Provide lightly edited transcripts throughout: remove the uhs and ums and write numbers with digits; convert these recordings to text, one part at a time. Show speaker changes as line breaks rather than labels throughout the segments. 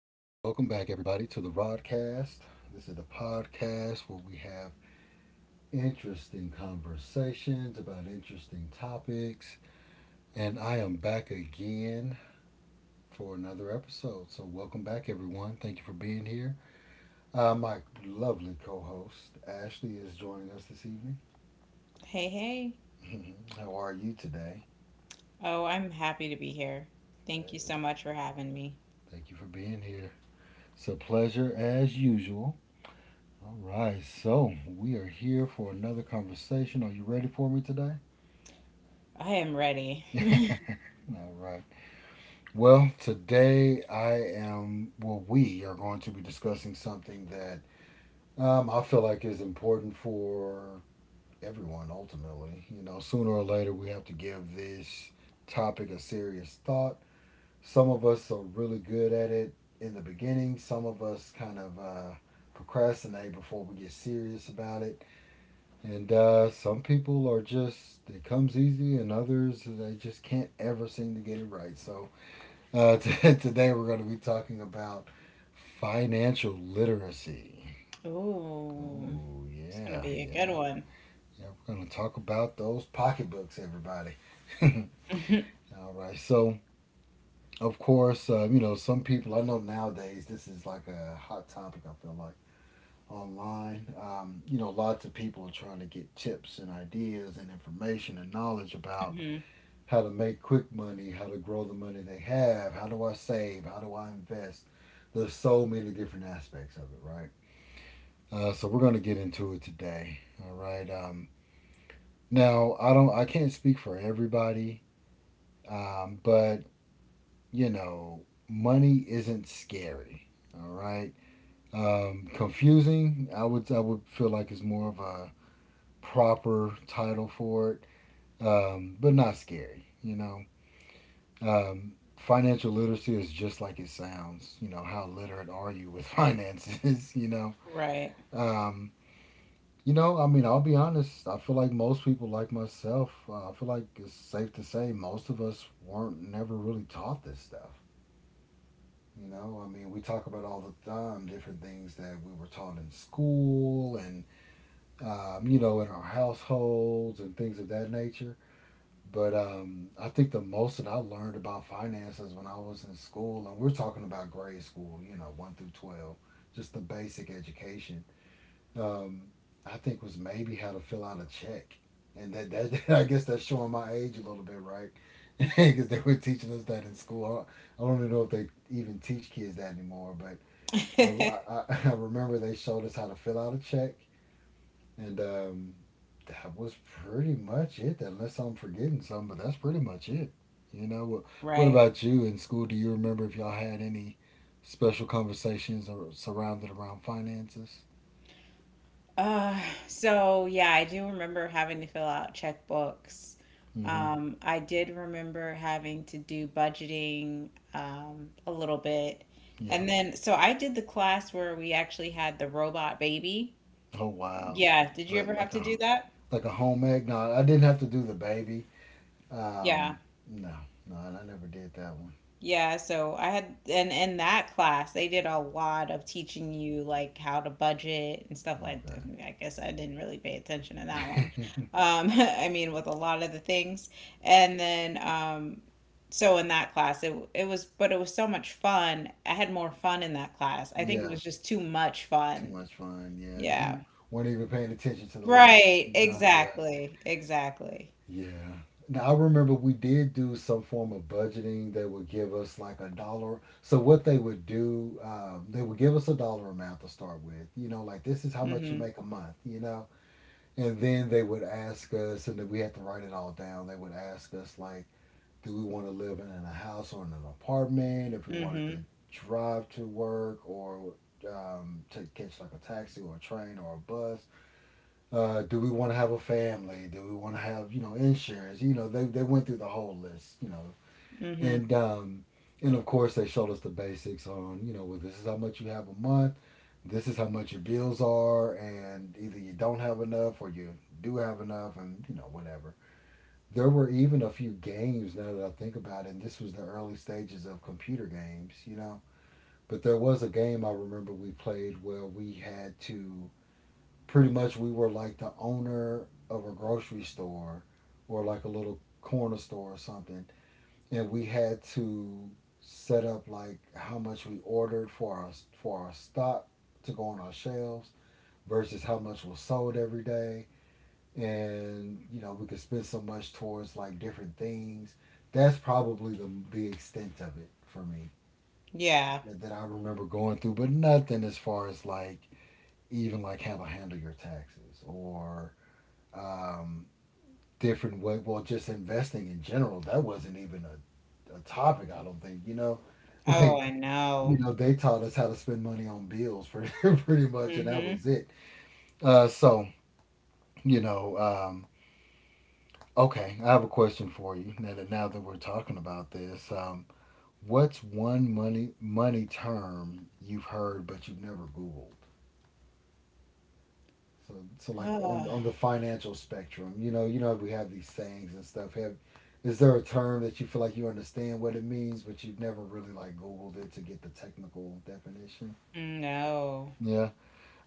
back, everybody, to the Rodcast. This is the podcast where we have interesting conversations about interesting topics. And I am back again for another episode. So, welcome back, everyone. Thank you for being here. My lovely co host, Ashley, is joining us this evening.
Hey, hey.
How are you today?
Oh, I'm happy to be here. Thank
That
you
is
so much for
good.
having me.
Thank you for being here. It's a pleasure as usual. All right, so we are here for another conversation. Are you ready for me today?
I am ready.
All right. Well, we are going to be discussing something that I feel like is important for everyone ultimately. You know, sooner or later we have to give this topic a serious thought. Some of us are really good at it in the beginning, some of us kind of procrastinate before we get serious about it. And some people are just, it comes easy, and others, they just can't ever seem to get it right. So today we're going to be talking about financial literacy.
Ooh,
Oh,
it's gonna
yeah,
be a good
yeah,
one.
yeah. We're going to talk about those pocketbooks, everybody. All right. So, of course, you know, some people, I know nowadays this is like a hot topic, I feel like, online. You know, lots of people are trying to get tips and ideas and information and knowledge about
Hmm.
how to make quick money, how to grow the money they have, how do I save, how do I invest. There's so many different aspects of it, right? So we're gonna get into it today. All right. Now I can't speak for everybody, but you know, money isn't scary. All right. Confusing. I would feel like it's more of a proper title for it, but not scary. You know, um, financial literacy is just like it sounds. You know, how literate are you with finances? You know,
Right.
um, you know, I mean, I'll be honest. I feel like most people, like myself, I feel like it's safe to say most of us weren't never really taught this stuff. You know, I mean, we talk about all the time different things that we were taught in school and, you know, in our households and things of that nature. But I think the most that I learned about finances when I was in school, and we're talking about grade school, you know, one through 12, just the basic education, um, I think was maybe how to fill out a check. And that I guess that's showing my age a little bit, right? Because they were teaching us that in school. I don't even know if they even teach kids that anymore, but I, I, I I remember they showed us how to fill out a check and that was pretty much it, unless I'm forgetting some, but that's pretty much it. You know, what, what
Right.
about you in school? Do you remember if y'all had any special conversations or surrounded around finances?
Uh, so yeah, I do remember having to fill out checkbooks.
Hmm.
I did remember having to do budgeting, a little bit.
Yeah.
And then, so I did the class where we actually had the robot baby.
Oh, wow.
Yeah, did you
But
ever have to do that?
like a home egg. No, I didn't have to do the baby.
Yeah.
Um, no, no, I never did that one.
Yeah, so I had and in that class they did a lot of teaching you like how to budget and stuff like that. I guess I didn't really pay attention to that one.
Okay.
I mean with a lot of the things. And then so in that class it was but it was so much fun. I had more fun in that class. I think it
Yeah,
was just too much
too
fun.
much fun. Yeah,
Yeah.
you weren't even paying attention to the lesson.
Right,
You know? Yeah.
exactly. Exactly.
Yeah. Now I remember we did do some form of budgeting. They would give us like a dollar. So what they would do, they would give us a dollar amount to start with. You know, like this is how much you
Mhm.
make a month. You know, and then they would ask us, and then we had to write it all down. They would ask us like, do we want to live in a house or in an apartment? If we wanted
Mhm.
to drive to work or to catch like a taxi or a train or a bus. Do we want to have a family? Do we want to have, you know, insurance? You know, they went through the whole list. You know,
Mhm.
and um, and of course they showed us the basics on, you know, well, this is how much you have a month, this is how much your bills are, and either you don't have enough or you do have enough, and you know whatever. There were even a few games now that I think about it. And this was the early stages of computer games, you know. But there was a game I remember we played where we had to pretty much we were like the owner of a grocery store or like a little corner store or something, and we had to set up like how much we ordered for our stock to go on our shelves versus how much was sold every day and you know we could spend so much towards like different things. That's probably the extent of it for me
Yeah.
that, that I remember going through, but nothing as far as like even like how to handle your taxes or um, different way. Well, just investing in general, that wasn't even a topic. I don't think, you know,
Oh,
like
I
you
know.
know, they taught us how to spend money on bills pretty pretty much, and that
Mhm.
was it. So you know, okay, I have a question for you now that we're talking about this. What's one money term you've heard but you've never Googled? So, so like on the financial spectrum, you know, we have these sayings and stuff. Have Is there a term that you feel like you understand what it means, but you've never really like Googled it to get the technical definition?
No.
Yeah,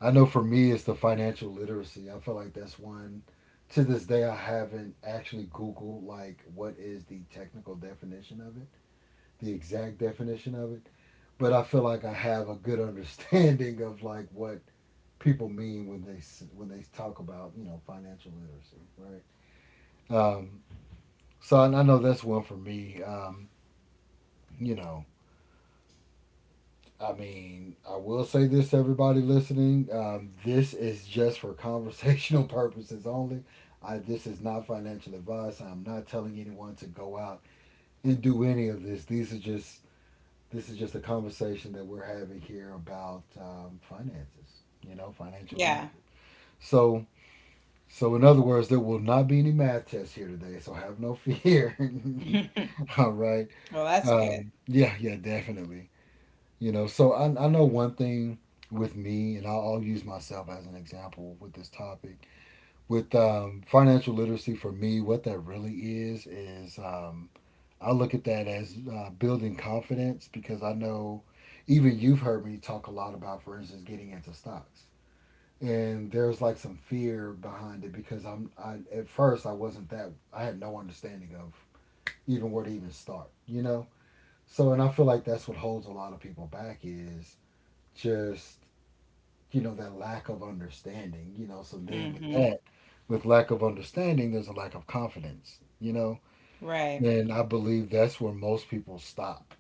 I know for me, it's the financial literacy. I feel like that's one. To this day, I haven't actually Googled like what is the technical definition of it, the exact definition of it, but I feel like I have a good understanding of like what people mean when they talk about, you know, financial literacy, right? Um, so and I know that's one for me. You know, I mean, I will say this, to everybody listening, this is just for conversational purposes only. This is not financial advice. I'm not telling anyone to go out and do any of this. These are just This is just a conversation that we're having here about finances. You know, financial literacy.
Yeah.
So, so, in other words, there will not be any math tests here today, so have no fear. All right.
Well, that's good.
Yeah, yeah, definitely. You know, so I know one thing with me, and I'll use myself as an example with this topic. With financial literacy, for me, what that really is I look at that as building confidence because I know even you've heard me talk a lot about, for instance, getting into stocks and there's like some fear behind it because I at first I wasn't that I had no understanding of even where to even start, you know. So and I feel like that's what holds a lot of people back is just you know that lack of understanding, you know. So then with
Mm-hmm.
that, with lack of understanding, there's a lack of confidence, you know.
Right.
And I believe that's where most people stop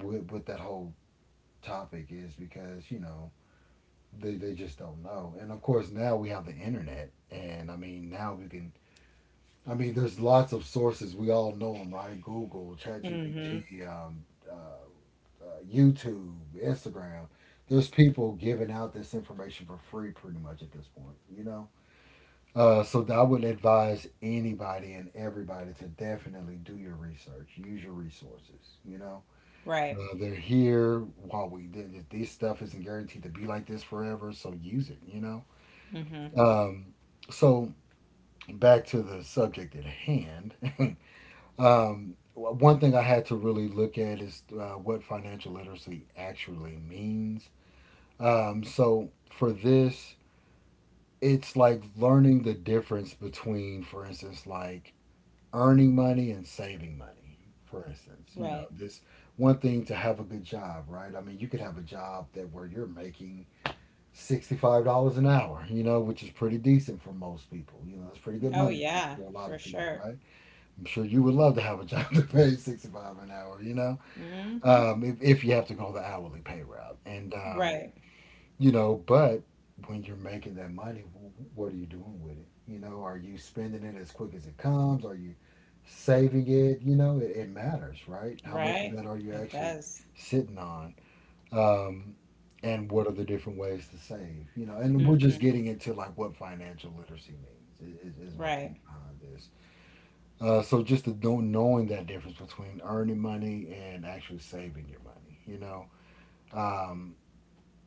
with that whole topic is because you know they just don't know. And of course, now we have the internet, and I mean, now we can. I mean, there's lots of sources. We all know them, right? Google,
Mm-hmm.
ChatGPT, uh, uh, YouTube, Instagram. There's people giving out this information for free, pretty much at this point. You know. So I would advise anybody and everybody to definitely do your research. Use your resources. You know,
Right.
they're here while we did. This stuff isn't guaranteed to be like this forever, so use it. You know,
Mm-hmm.
um, so back to the subject at hand. One thing I had to really look at is what financial literacy actually means. So for this, it's like learning the difference between, for instance, like earning money and saving money. For instance, you
Right.
know, this one thing to have a good job, right? I mean, you could have a job that where you're making $65 an hour, you know, which is pretty decent for most people. You know, that's pretty good
Oh,
money
yeah,
for a lot
for
of people,
sure.
right? I'm sure you would love to have a job that pays 65 an hour. You know,
Mm-hmm.
if you have to go the hourly pay route, and
Right.
you know, but when you're making that money, what are you doing with it? You know, are you spending it as quick as it comes? Are you saving it? You know, it matters, right? How much of
Right.
that are you
It
actually
does.
sitting on? um, and what are the different ways to save? You know, and we're just
Mm-hmm.
getting into like what financial literacy means. Is my
Right.
point behind this. So just to don't knowing that difference between earning money and actually saving your money, you know. um,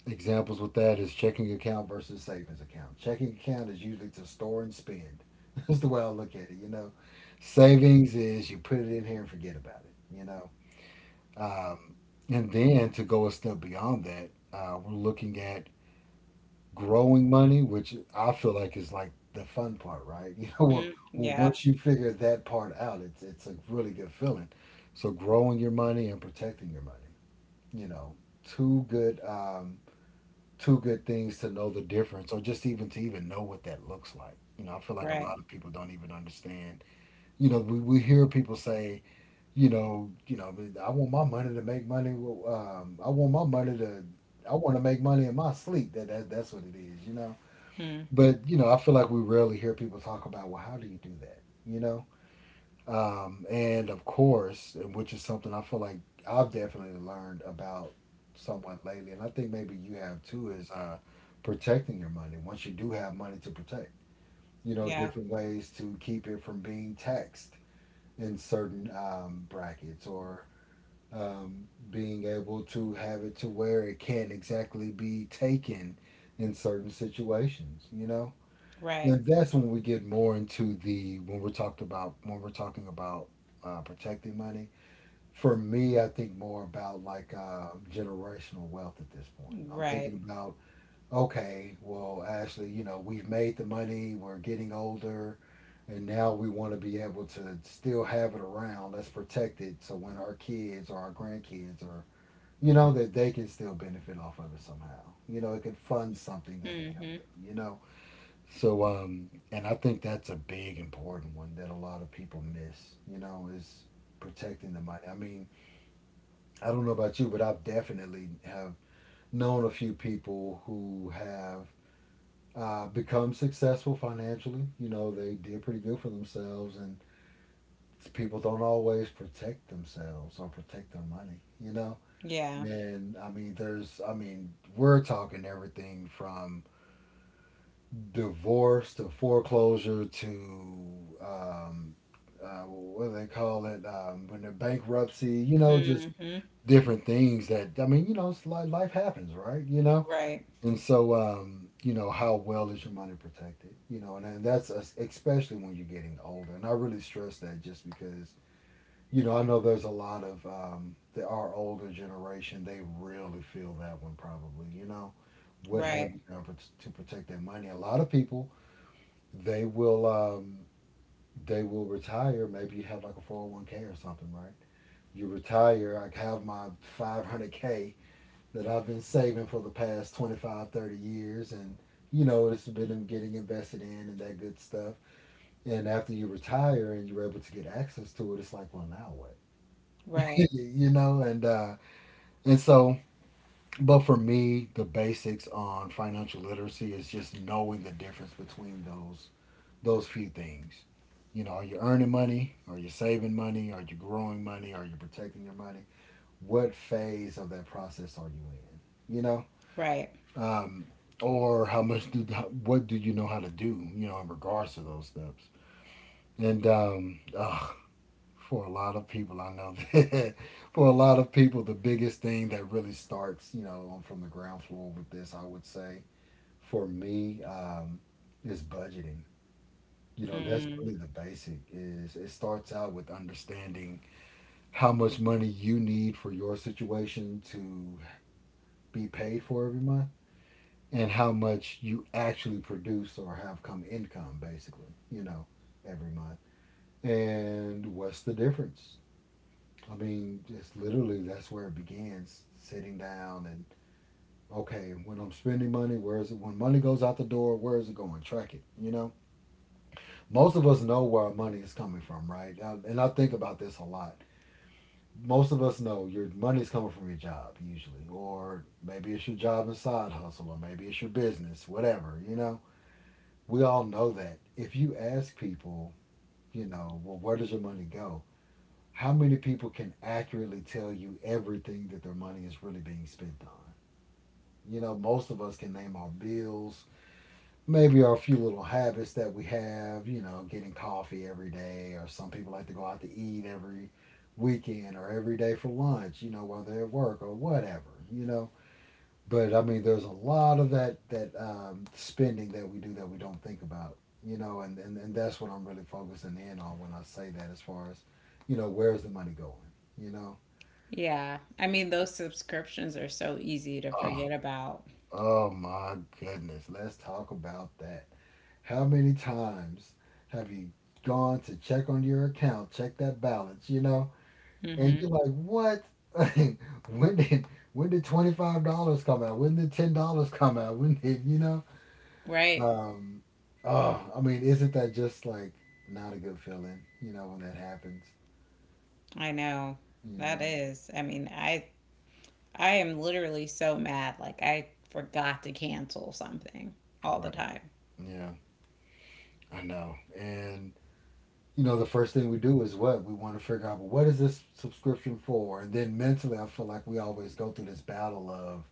Examples with that is checking account versus savings account. Checking account is usually to store and spend. That's the way I look at it, you know. Savings is you put it in here and forget about it, you know. um, and then to go a step beyond that, we're looking at growing money, which I feel like is like the fun part, right? You know,
Mm.
well,
Yeah.
once you figure that part out, it's a really good feeling. So growing your money and protecting your money, you know, two good um, two good things to know the difference, or just even to even know what that looks like. You know, I feel like a
Right.
lot of people don't even understand. You know, we hear people say, you know, I want my money to make money. Well, I want my money to, I want to make money in my sleep. That's what it is. You know,
Mm.
but you know, I feel like we rarely hear people talk about, well, how do you do that? You know, and of course, and which is something I feel like I've definitely learned about somewhat lately, and I think maybe you have too, is protecting your money. Once you do have money to protect, you know,
Yeah.
different ways to keep it from being taxed in certain brackets, or being able to have it to where it can't exactly be taken in certain situations, you know.
Right.
And that's when we get more into the when we're talked about when we're talking about protecting money. For me, I think more about like generational wealth at this point. I'm
Right.
thinking about, okay, well, Ashley, you know, we've made the money, we're getting older, and now we want to be able to still have it around. Let's protect it so when our kids or our grandkids or you know that they can still benefit off of it somehow. You know, it could fund something that can help
Mm-hmm.
them. You know, so and I think that's a big important one that a lot of people miss, you know, is protecting the money. I mean, I don't know about you, but I've definitely have known a few people who have become successful financially. You know, they did pretty good for themselves, and people don't always protect themselves or protect their money. You know,
Yeah.
and I mean, there's, I mean, we're talking everything from divorce to foreclosure to um, what do they call it, when they're bankruptcy, you know. Just
Mm-hmm.
different things that I mean, you know, it's like life happens, right? You know,
Right.
and so you know how well is your money protected? You know, and that's especially when you're getting older, and I really stress that just because you know I know there's a lot of our older generation, they really feel that one probably, you know, what have
Right.
you done to protect their money? A lot of people, they will um, they will retire. Maybe you have like a 401k or something, right? You retire. I have my 500K that I've been saving for the past 25, 30 years, and you know it's been getting invested in and that good stuff. And after you retire and you're able to get access to it, it's like, well, now what?
Right.
You know, and so, but for me, the basics on financial literacy is just knowing the difference between those few things. You know, are you earning money? Are you saving money? Are you growing money? Are you protecting your money? What phase of that process are you in? You know,
Right.
um, or how much do what do you know how to do? You know, in regards to those steps. And for a lot of people, I know that for a lot of people, the biggest thing that really starts, you know, from the ground floor with this, I would say, for me, is budgeting. You know, that's
Mm.
really the basic is it starts out with understanding how much money you need for your situation to be paid for every month, and how much you actually produce or have come income basically, you know, every month. And what's the difference? I mean, it's literally that's where it begins, sitting down and okay, when I'm spending money, where is it when money goes out the door, where is it going? Track it, you know? Most of us know where our money is coming from, right? And I think about this a lot, most of us know your money's coming from your job usually, or maybe it's your job and side hustle, or maybe it's your business, whatever, you know? We all know that. If you ask people, you know, well, where does your money go? How many people can accurately tell you everything that their money is really being spent on? You know, most of us can name our bills, maybe are a few little habits that we have, you know, getting coffee every day, or some people like to go out to eat every weekend or every day for lunch, you know, while they're at work or whatever, you know. But I mean, there's a lot of that that spending that we do that we don't think about, you know, and that's what I'm really focusing in on when I say that as far as, you know, where's the money going, you know?
Yeah. I mean, those subscriptions are so easy to
Oh,
forget about.
oh my goodness, let's talk about that. How many times have you gone to check on your account, check that balance, you know? And
Hmm.
you're like, what? when did when did $25 come out? When did $10 come out? When did you know?
Right.
Um, oh, I mean, isn't that just like not a good feeling? You know when that happens.
I know.
You
That
know.
is. I mean, I am literally so mad. Like I forgot to cancel something all the
Right.
time.
Yeah, I know. And you know, the first thing we do is what we want to figure out. Well, what is this subscription for? And then mentally, I feel like we always go through this battle of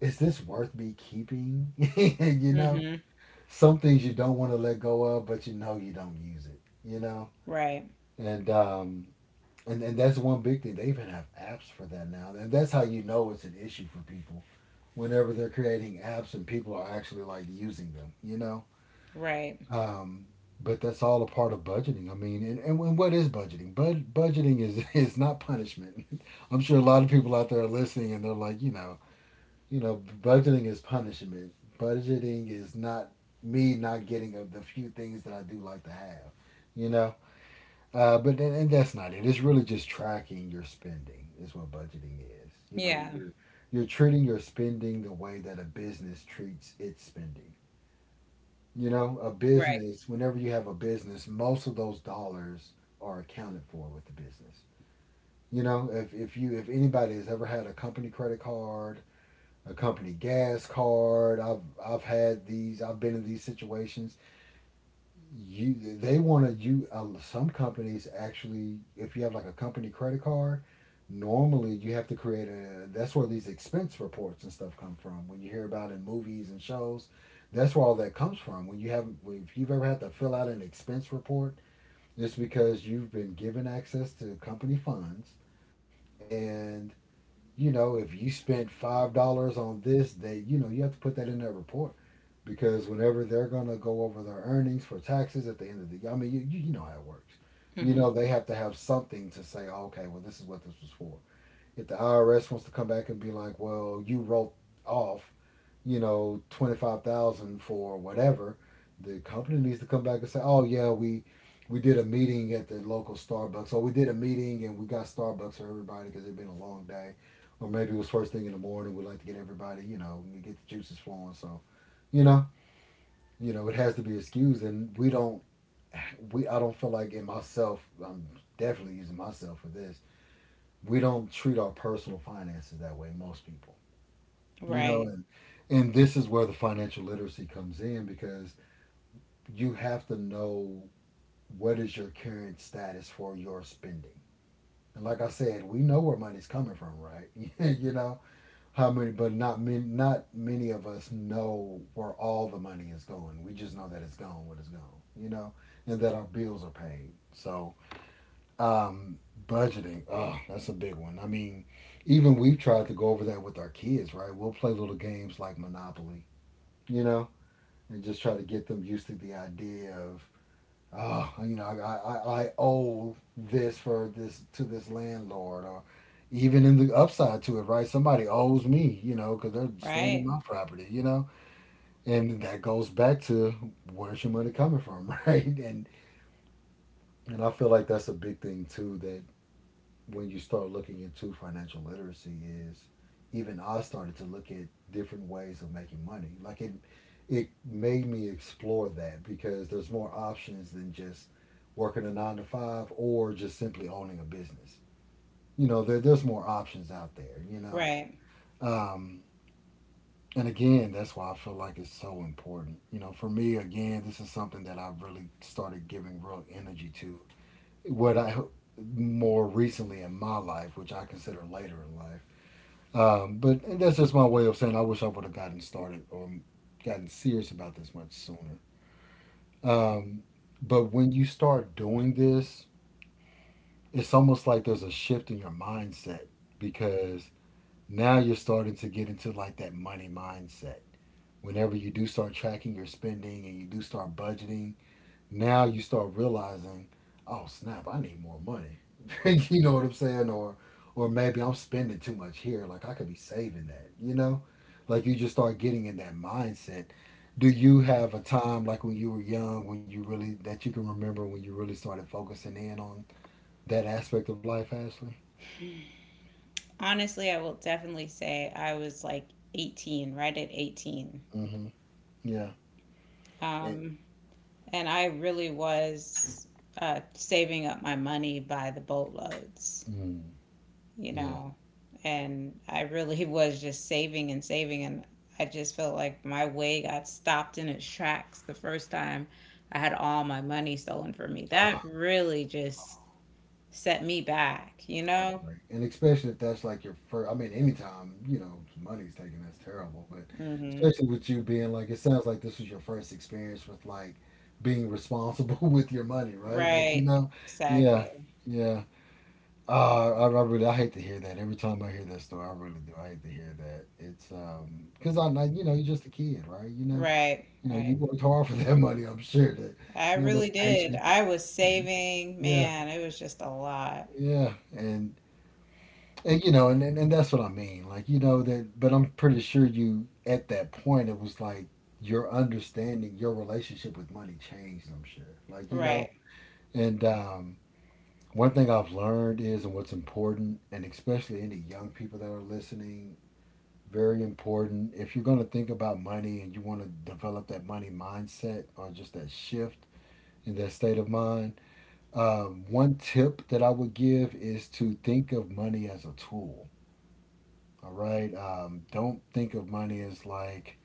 is this worth me keeping? You know,
Hmm.
some things you don't want to let go of, but you know you don't use it. You know,
Right.
and and that's one big thing. They even have apps for that now, and that's how you know it's an issue for people. Whenever they're creating apps and people are actually like using them, you know.
Right.
Um, but that's all a part of budgeting. I mean, and what is budgeting? Budgeting is is not punishment. I'm sure a lot of people out there are listening and they're like, you know, budgeting is punishment. Budgeting is not me not getting of the few things that I do like to have, you know. But then, and that's not it. It's really just tracking your spending is what budgeting is. You know,
Yeah.
you're treating your spending the way that a business treats its spending. You know, a
Right.
business, whenever you have a business, most of those dollars are accounted for with the business. You know, if you if anybody has ever had a company credit card, a company gas card. I've had these. I've been in these situations. You they want to you some companies actually if you have like a company credit card, normally you have to create a that's where these expense reports and stuff come from. When you hear about in movies and shows, that's where all that comes from. When you have if you've ever had to fill out an expense report, it's because you've been given access to company funds and you know, if you spent $5 on this, they you know, you have to put that in their report. Because whenever they're gonna go over their earnings for taxes at the end of the year, I mean you, you know how it works. You
Hmm.
know, they have to have something to say, oh, okay, well this is what this was for. If the IRS wants to come back and be like, "Well, you wrote off 25,000 for whatever," the company needs to come back and say, "Oh yeah, we did a meeting at the local Starbucks, or we did a meeting and we got Starbucks for everybody because it'd been a long day, or maybe it was first thing in the morning. We'd like to get everybody, we get the juices flowing." So you know, it has to be excused, and we don't. We I don't feel like in myself. I'm definitely using myself for this. We don't treat our personal finances that way. Most people. you know
Right.
and and this is where the financial literacy comes in, because you have to know what is your current status for your spending. And like I said, we know where money's coming from, right? you know how many, but not many of us know where all the money is going. We just know that it's gone when it's gone, you know and that our bills are paid. So um budgeting, oh, that's a big one. I mean, even we've tried to go over that with our kids, right? We'll play little games like Monopoly, you know and just try to get them used to the idea of, oh, I owe this for this to this landlord, or even in the upside to it, right? Somebody owes me, because they're staying in
Right.
my property, and that goes back to, where's your money coming from? Right. And I feel like that's a big thing too, that when you start looking into financial literacy is, even I started to look at different ways of making money. Like, it made me explore that, because there's more options than just working a nine to five, or just simply owning a business. You know, there's more options out there, you know.
Right.
Um and again, that's why I feel like it's so important. You know, for me, again, this is something that I've really started giving real energy to what I ho- more recently in my life, which I consider later in life. But and that's just my way of saying I wish I would have gotten started, or gotten serious about this much sooner. Um, but when you start doing this, it's almost like there's a shift in your mindset, because now you're starting to get into like that money mindset. Whenever you do start tracking your spending and you do start budgeting, now you start realizing, oh snap, I need more money. You know what I'm saying? Or maybe I'm spending too much here. Like, I could be saving that, you know? Like, you just start getting in that mindset. Do you have a time, like when you were young, when you really that you can remember when you really started focusing in on that aspect of life, Ashley?
Honestly, I will definitely say I was like 18, right at 18.
Mm-hmm. Yeah. It,
Um, and I really was saving up my money by the boatloads.
mm,
you
yeah.
know, and I really was just saving and saving. And I just felt like my way got stopped in its tracks the first time I had all my money stolen from me. That
Ah.
really just set me back, you know?
Heartbreak. And especially if that's like your first, I mean, anytime, you know, money's taken, that's terrible. But
Hmm.
especially with you being like, it sounds like this was your first experience with like being responsible with your money, right? Like, you
Right,
know, yeah,
exactly.
yeah. I really, I hate to hear that. Every time I hear that story, I really do. I hate to hear that. It's, cause I'm like, you know, you're just a kid, right? You know,
Right,
you know, you
right.
worked hard for that money. I'm sure that,
I
you know,
really
much
did.
patience.
I was saving,
Yeah,
man, it was just a lot.
yeah. And, you know, and that's what I mean. Like, you know, that, but I'm pretty sure you, at that point, it was like your understanding, your relationship with money changed, I'm sure. Like, you know,
Right.
and one thing I've learned is, and what's important, and especially any young people that are listening, very important. If you're going to think about money and you want to develop that money mindset, or just that shift in that state of mind, one tip that I would give is to think of money as a tool. All right. Don't think of money as like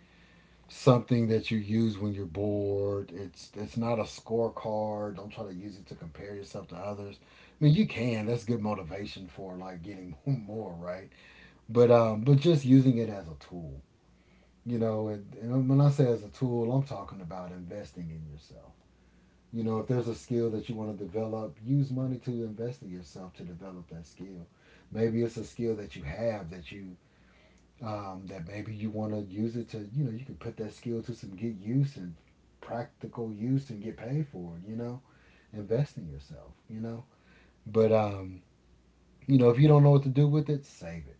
something that you use when you're bored. It's not a scorecard. Don't try to use it to compare yourself to others. I mean, you can. That's good motivation for like getting more, right? But just using it as a tool. You know, and when I say as a tool, I'm talking about investing in yourself. You know, if there's a skill that you want to develop, use money to invest in yourself to develop that skill. Maybe it's a skill that you have that you that maybe you want to use it to, you know, you can put that skill to some good use and practical use, and get paid for it, you know, invest in yourself, you know. But, you know, if you don't know what to do with it, save it.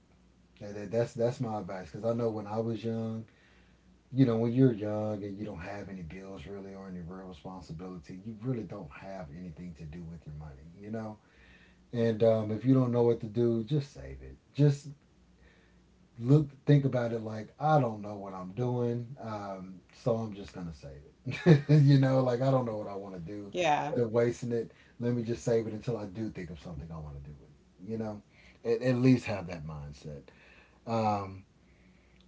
That's my advice, because I know when I was young, you know, when you're young and you don't have any bills really, or any real responsibility, you really don't have anything to do with your money, you know. And if you don't know what to do, just save it. Just look think about it like, I don't know what I'm doing, so I'm just gonna save it. You know, like I don't know what I want to do.
Yeah.
Instead of wasting it, let me just save it until I do think of something I want to do with it. You know, at least have that mindset. Um,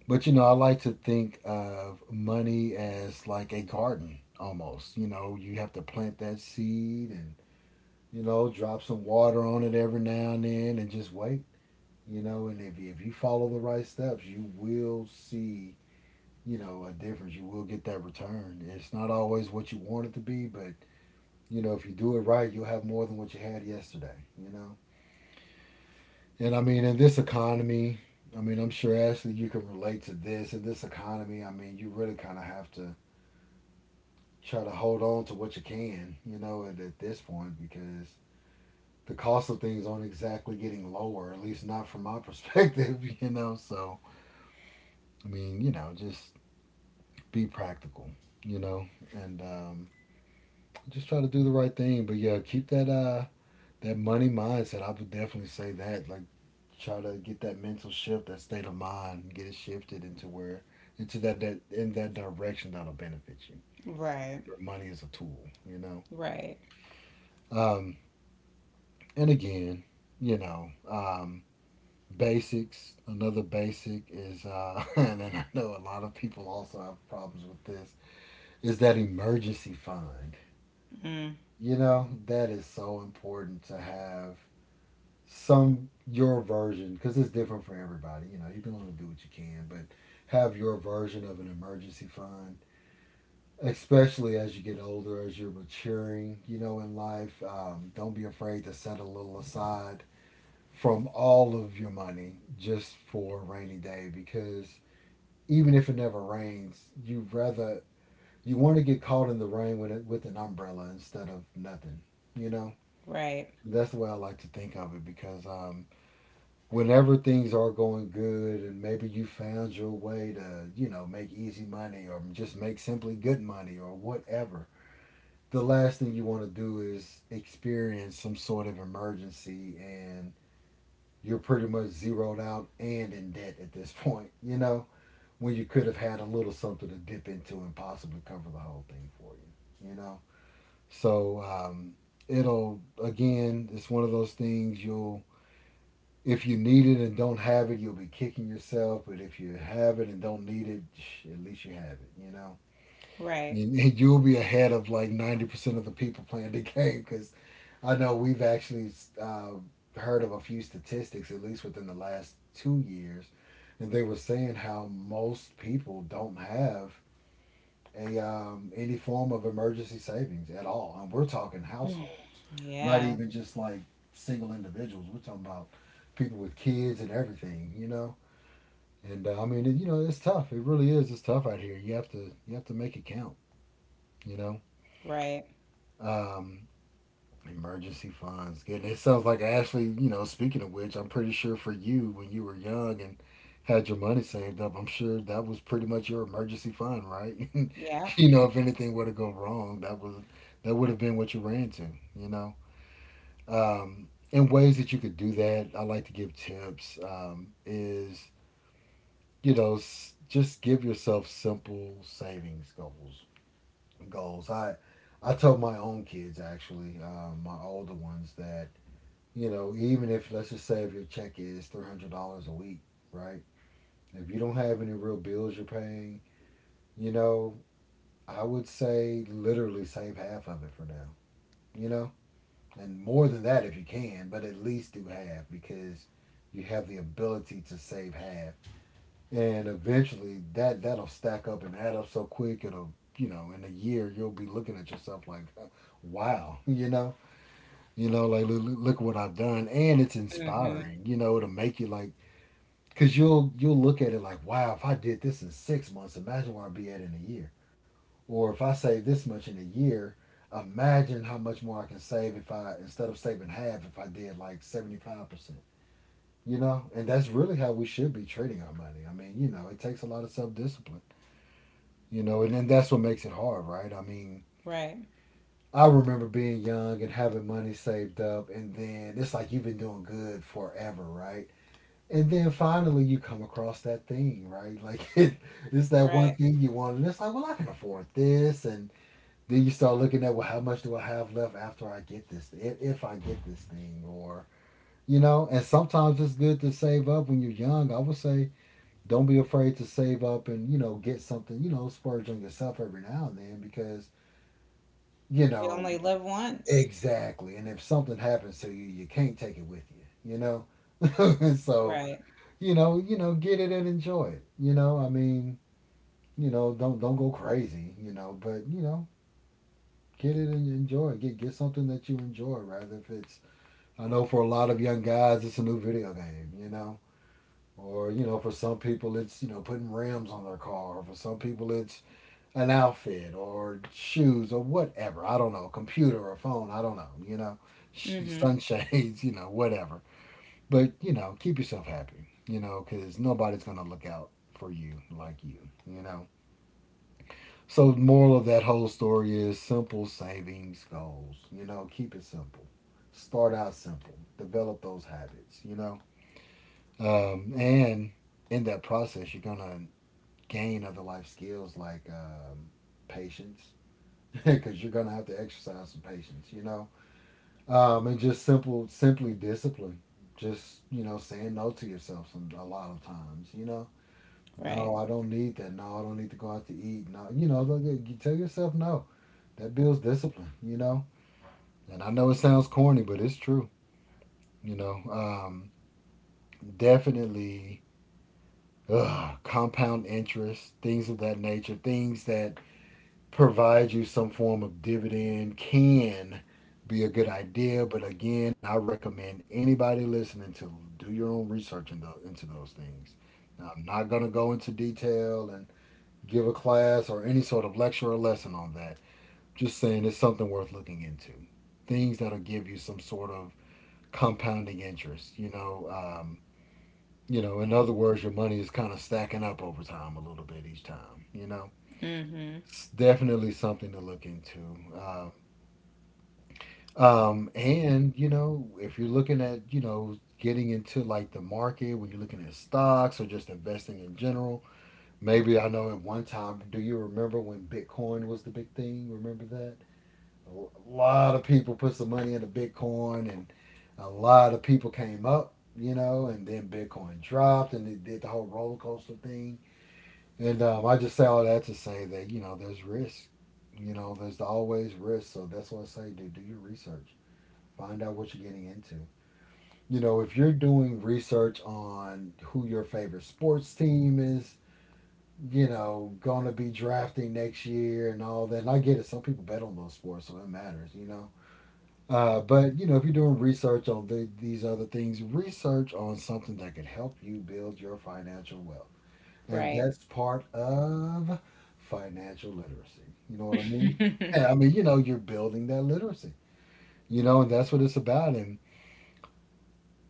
but you know, I like to think of money as like a garden almost. You know, you have to plant that seed and, you know, drop some water on it every now and then, and just wait. You know, and if you follow the right steps, you will see, you know, a difference. You will get that return. It's not always what you want it to be, but you know, if you do it right, you'll have more than what you had yesterday, you know. And I mean, in this economy, I'm sure, Ashley, you can relate to this, in this economy, I mean, you really kind of have to try to hold on to what you can, you know, at this point, because the cost of things aren't exactly getting lower, at least not from my perspective, you know. So I mean, you know, just be practical, you know, and just try to do the right thing. But yeah, keep that that money mindset. I would definitely say that. Like, try to get that mental shift, that state of mind, get it shifted into where into that in that direction that'll benefit you.
Right.
Remember, money is a tool, you know.
Right.
Um, and again, you know, basics. Another basic is, and then, I know a lot of people also have problems with this, is that emergency fund.
Mm,
You know, that is so important to have some your version, because it's different for everybody. You know, you can only do what you can, but have your version of an emergency fund, especially as you get older, as you're maturing, you know, in life. Don't be afraid to set a little aside from all of your money, just for a rainy day, because even if it never rains, you rather you want to get caught in the rain with it, with an umbrella, instead of nothing. You know,
right.
that's the way I like to think of it. Because whenever things are going good and maybe you found your way to, you know, make easy money, or just make simply good money or whatever, the last thing you want to do is experience some sort of emergency, and you're pretty much zeroed out and in debt at this point, you know, when you could have had a little something to dip into and possibly cover the whole thing for you, you know? So it'll, again, it's one of those things, you'll, if you need it and don't have it, you'll be kicking yourself. But if you have it and don't need it, at least you have it, you know?
Right.
And you'll be ahead of like 90% of the people playing the game, because I know we've actually uh, heard of a few statistics, at least within the last two years. And they were saying how most people don't have a any form of emergency savings at all. And we're talking
Mm.
households, not
Yeah.
even just like single individuals. We're talking about people with kids and everything, you know. And I mean, you know, it's tough. It really is. It's tough out here. You have to make it count, you know.
Right.
Um, Emergency funds. Good. It sounds like Ashley, you know, speaking of which, I'm pretty sure for you when you were young and had your money saved up, I'm sure that was pretty much your emergency fund, right?
Yeah.
You know, if anything were to go wrong, that was that would have been what you ran to, you know. And ways that you could do that, I like to give tips is, you know, just give yourself simple savings goals. Goals. I told my own kids actually, my older ones that you know, even if let's just say if your check is $300 a week, right? If you don't have any real bills you're paying, you know, I would say literally save half of it for now. You know, and more than that if you can, but at least do half because you have the ability to save half, and eventually that'll stack up and add up so quick it'll you know in a year you'll be looking at yourself like wow. You know, you know, like look, look what I've done. And it's
Mhm.
inspiring, you know, to make you like, cause you'll look at it like, wow, if I did this in 6 months, imagine where I'd be at in a year. Or if I save this much in a year, imagine how much more I can save if I instead of saving half, if I did like 75%. You know, and that's really how we should be treating our money. I mean, you know, it takes a lot of self discipline. You know, and then that's what makes it hard, right? I mean,
Right.
I remember being young and having money saved up, and then it's like you've been doing good forever, right? And then finally, you come across that thing, right? Like, it, it's that one
Right.
thing you want, and it's like, well, I can afford this. And then you start looking at, well, how much do I have left after I get this, if I get this thing, or you know. And sometimes it's good to save up when you're young. I would say, don't be afraid to save up and you know get something, you know, splurge on yourself every now and then because you
You
know
only live once.
exactly. And if something happens to you, you can't take it with you, you know. So,
Right.
you know, get it and enjoy it. You know, I mean, you know, don't go crazy, you know, but you know, get it and enjoy it. Get something that you enjoy rather if it's, I know for a lot of young guys it's a new video game, you know. Or, you know, for some people it's, you know, putting rims on their car. Or for some people it's an outfit or shoes or whatever. I don't know, computer or phone, I don't know, you know.
Mhm.
Sunshades, you know, whatever. But, you know, keep yourself happy, you know, because nobody's going to look out for you like you know. So, the moral of that whole story is simple savings goals, you know, keep it simple. Start out simple, develop those habits, you know. And in that process, you're going to gain other life skills like patience, because you're going to have to exercise some patience, you know, and just simple, simply discipline. Just you know, saying no to yourself some, a lot of times. You know,
Right.
no, I don't need that. No, I don't need to go out to eat. No, you know, look, you tell yourself no. That builds discipline. You know, and I know it sounds corny, but it's true. You know, definitely compound interest, things of that nature, things that provide you some form of dividend can be a good idea. But again, I recommend anybody listening to do your own research in into those things. Now, I'm not going to go into detail and give a class or any sort of lecture or lesson on that. Just saying it's something worth looking into. Things that'll give you some sort of compounding interest. You know, in other words, your money is kind of stacking up over time a little bit each time. You know,
Mhm.
it's definitely something to look into. And you know, if you're looking at, you know, getting into like the market when you're looking at stocks or just investing in general, maybe I know at one time, do you remember when Bitcoin was the big thing? Remember that? A lot of people put some money into Bitcoin and a lot of people came up, you know, and then Bitcoin dropped and it did the whole roller coaster thing. And I just say all that to say that, you know, there's risk. You know, there's always risk. So that's why I say, dude, do your research. Find out what you're getting into. You know, if you're doing research on who your favorite sports team is, you know, gonna be drafting next year and all that. And I get it. Some people bet on those sports, so it matters. You know. But you know, if you're doing research on these other things, research on something that could help you build your financial wealth, and
Right.
that's part of financial literacy. You know what I mean? Yeah, I mean, you know, you're building that literacy. You know, and that's what it's about. And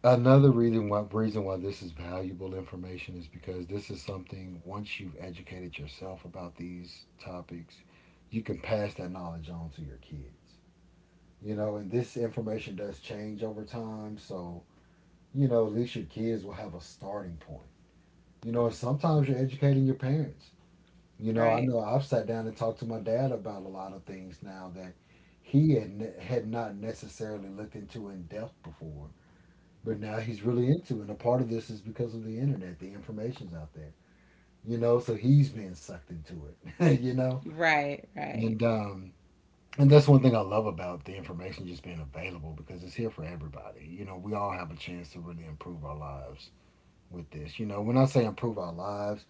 another reason why this is valuable information is because this is something once you've educated yourself about these topics, you can pass that knowledge on to your kids. You know, and this information does change over time, so you know, at least your kids will have a starting point. You know, and sometimes you're educating your parents. You know, I
Right.
know I've sat down and talked to my dad about a lot of things now that he had, had not necessarily looked into in depth before, but now he's really into it. And a part of this is because of the internet, the information's out there, you know. So he's being sucked into it, you know.
Right. Right.
And um, and that's one thing I love about the information just being available because it's here for everybody. You know, we all have a chance to really improve our lives with this. You know, when I say improve our lives,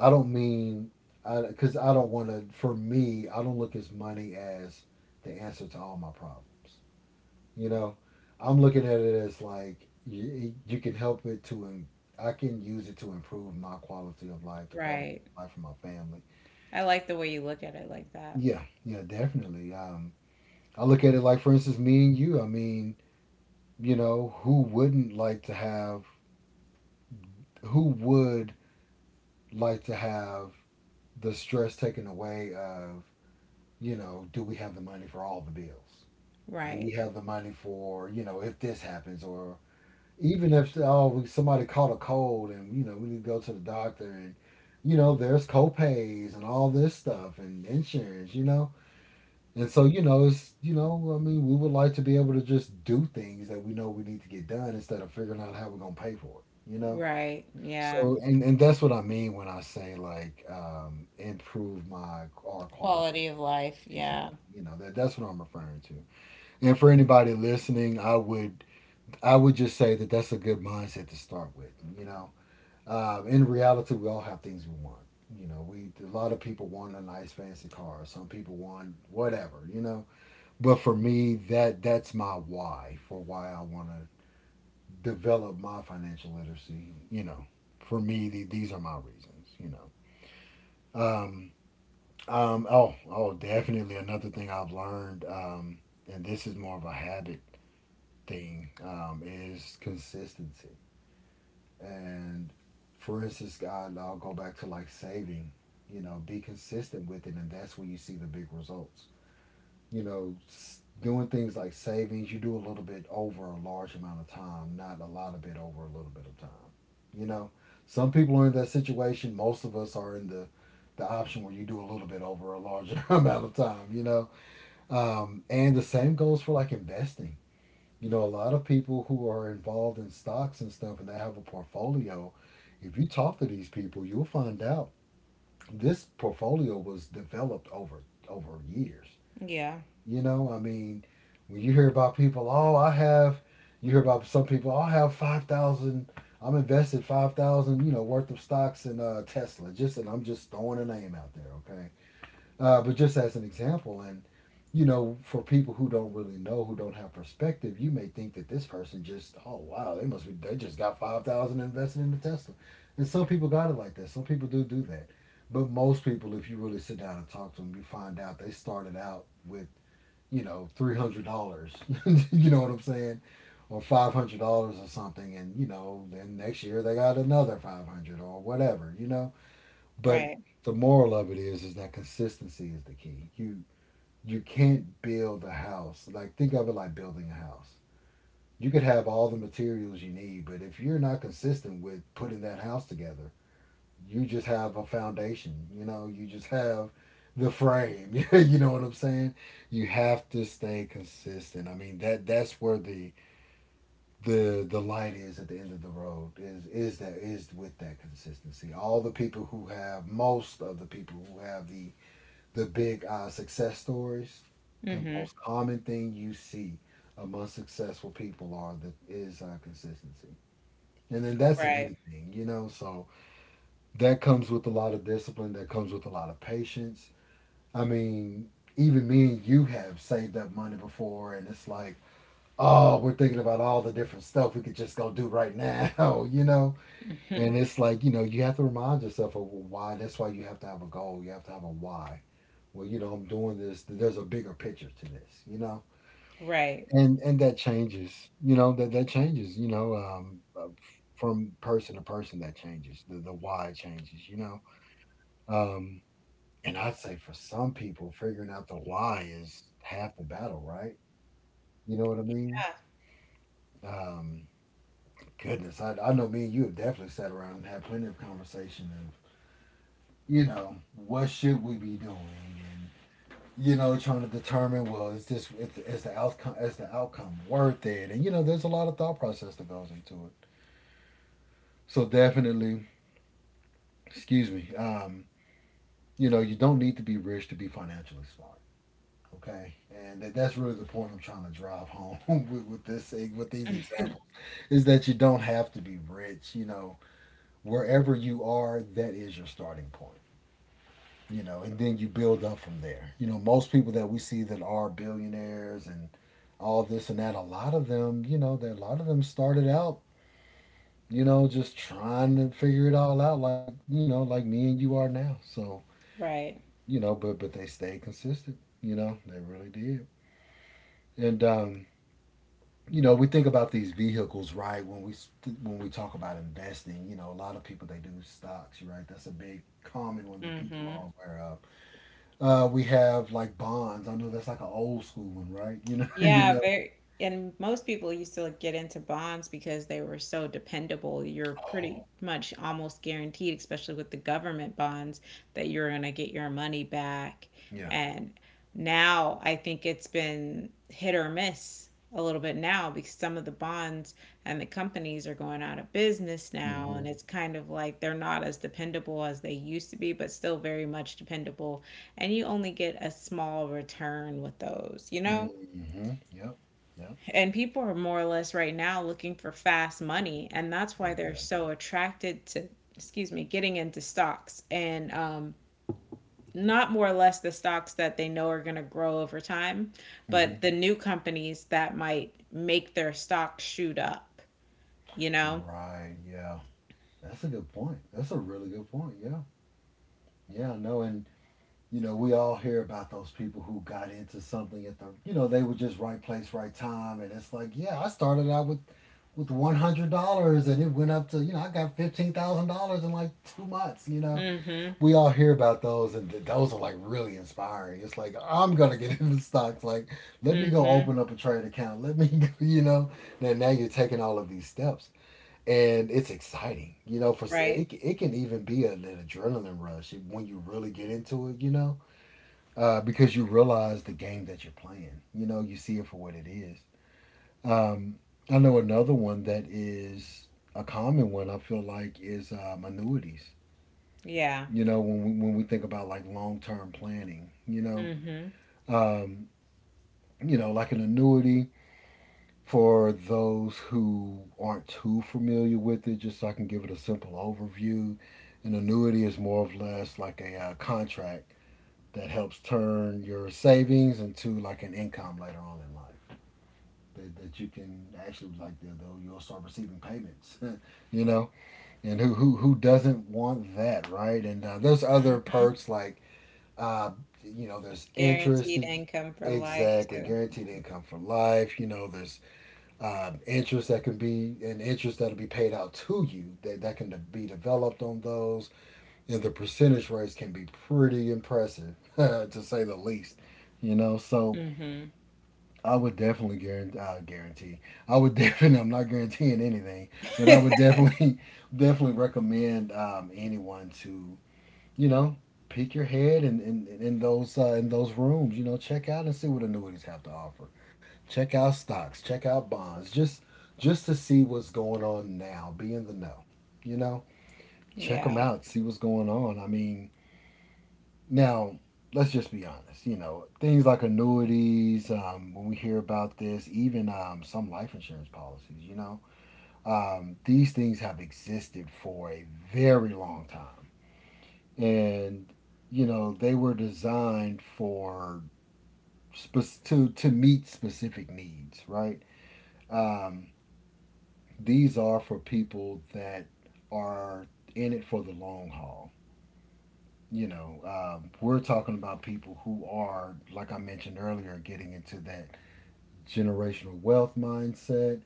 I don't mean because I don't want to. For me, I don't look as money as the answer to all my problems. You know, I'm looking at it as like you can help it I can use it to improve my quality of life, the quality
Right.
of life for my family.
I like the way you look at it like that.
Yeah, yeah, definitely. I look at it like, for instance, me and you. I mean, you know, who wouldn't like to have, who would like to have the stress taken away of, you know, do we have the money for all the bills? Do we
Right.
have the money for, you know, if this happens or even if oh somebody caught a cold and you know we need to go to the doctor and you know there's co-pays and all this stuff and insurance you know and so you know it's you know I mean we would like to be able to just do things that we know we need to get done instead of figuring out how we're going to pay for it you know.
Right. Yeah.
So and that's what I mean when I say like, improve my our quality
Quality of life.
exactly,
Yeah.
you know, that that's what I'm referring to. And for anybody listening I would just say that that's a good mindset to start with, you know. In reality, we all have things we want. You know, we a lot of people want a nice fancy car. Some people want whatever. You know, but for me, that's my why for why I want to develop my financial literacy. You know, for me, these are my reasons. You know, um, oh, oh, definitely another thing I've learned, and this is more of a habit thing, is consistency. And for instance, God, I'll go back to like saving, you know, be consistent with it. And that's when you see the big results. You know, doing things like savings, you do a little bit over a large amount of time, not a lot of it over a little bit of time. You know, some people are in that situation. Most of us are in the option where you do a little bit over a larger amount of time, you know. And the same goes for like investing, you know, a lot of people who are involved in stocks and stuff and they have a portfolio. If you talk to these people, you'll find out this portfolio was developed over years.
Yeah.
You know, I mean, when you hear about people, oh, I have, you hear about some people, oh, I have 5,000, I'm invested 5,000, you know, worth of stocks in Tesla. Just, and I'm just throwing a name out there, okay? But just as an example. And you know, for people who don't really know, who don't have perspective, you may think that this person just, oh wow, they must be, they just got 5,000 invested in the Tesla, and some people got it like that. Some people do do that, but most people, if you really sit down and talk to them, you find out they started out with, you know, $300. You know what I'm saying? Or $500 or something, and you know, then next year they got another five hundred dollars or whatever, you know. But
Right.
the moral of it is that consistency is the key. You can't build a house. Like, think of it like building a house. You could have all the materials you need, but if you're not consistent with putting that house together, you just have a foundation. You know, you just have the frame. You know what I'm saying? You have to stay consistent. I mean, that that's where the light is at the end of the road, is that, is with that consistency. All the people who have, most of the people who have the big success stories, the
Mhm.
most common thing you see among successful people are, the is consistency, and then that's in
Right.
anything, So that comes with a lot of discipline. That comes with a lot of patience. I mean, even me and you have saved up money before, and it's like, oh, we're thinking about all the different stuff we could just go do right now, .
Mhm.
And it's like, you know, you have to remind yourself of why. That's why you have to have a goal. You have to have a why. Well, you know, I'm doing this. There's a bigger picture to this, you know?
Right.
And that changes, you know, that that changes, you know, from person to person that changes. The why changes, Um, and I'd say for some people, figuring out the why is half the battle, right? You know what I mean?
Yeah.
Um, Goodness, I know me and you have definitely sat around and had plenty of conversation of, you know, what should we be doing? And, you know, trying to determine, well, is this, is the outcome, is the outcome worth it? And you know, there's a lot of thought process that goes into it. So definitely, excuse me. You know, you don't need to be rich to be financially smart. Okay, and that, that's really the point I'm trying to drive home with this, with these examples, is that you don't have to be rich. You know, wherever you are, that is your starting point. You know, and then you build up from there. You know, most people that we see that are billionaires and all this and that, a lot of them, you know, that a lot of them started out, you know, just trying to figure it all out, like you know, like me and you are now. So
Right.
you know, but they stayed consistent. You know, they really did. And you know, we think about these vehicles, right? When we talk about investing, you know, a lot of people, they do stocks, right? That's a big common one that people
Mhm.
are aware of. We have like Bonds. I know that's like an old school one, right? You know, you
Yeah,
know.
very. And most people used to like get into bonds because they were so dependable. You're pretty
Oh,
much almost guaranteed, especially with the government bonds, that you're going to get your money back.
yeah.
And now I think it's been hit or miss a little bit now because some of the bonds and the companies are going out of business now.
Hmm.
And it's kind of like they're not as dependable as they used to be, but still very much dependable. And you only get a small return with those, you
mm
know?
hmm Yep. Yep.
And people are more or less right now looking for fast money, and that's why they're so
Exactly.
attracted to, excuse me, getting into stocks and not more or less the stocks that they know are going to grow over time,
mm hmm
but the new companies that might make their stock shoot up, you know?
Right. Yeah. That's a good point. That's a really good point. Yeah. Yeah, I know. And, you know, we all hear about those people who got into something at the, you know, they were just right place, right time. And it's like, yeah, I started out with $100, and it went up to, you know, I got $15,000 in like 2 months, you know.
Mm-hmm.
We all hear about those, and those are like really inspiring. It's like, I'm gonna get into stocks. Like, let me go
Mm-hmm.
open up a trade account. Let me, go, Then now you're taking all of these steps, and it's exciting. You know, for
Right.
it, it can even be an adrenaline rush when you really get into it. You know, because you realize the game that you're playing. You know, you see it for what it is. Um, I know another one that is a common one, I feel like, is annuities,
Yeah.
you know, when we think about like long-term planning, you know.
Mm-hmm.
um, you know, like an annuity, for those who aren't too familiar with it, just so I can give it a simple overview, an annuity is more or less like a contract that helps turn your savings into like an income later on in life. That, that you can actually, like you'll start receiving payments. You know, and who doesn't want that, right? And there's other
Mm-hmm.
perks, like Uh, you know, there's interest.
Guaranteed income for life
Exactly,
too.
guaranteed income for life. You know, there's interest that can be, an interest that'll be paid out to you, that that can be developed on those, and the percentage rates can be pretty impressive, to say the least. You know, so
Mm-hmm.
I would definitely guarantee. Guarantee. I would definitely, I'm not guaranteeing anything, but I would definitely, definitely recommend anyone to, you know, peek your head in, in those in those rooms. You know, check out and see what annuities have to offer. Check out stocks. Check out bonds. Just to see what's going on now. Be in the know. You know, check them
Yeah.
out. See what's going on. I mean, now let's just be honest. You know, things like annuities. When we hear about this, even some life insurance policies. You know, these things have existed for a very long time, and you know, they were designed for to meet specific needs, right? Um, these are for people that are in it for the long haul. You know, we're talking about people who are, like I mentioned earlier, getting into that generational wealth mindset,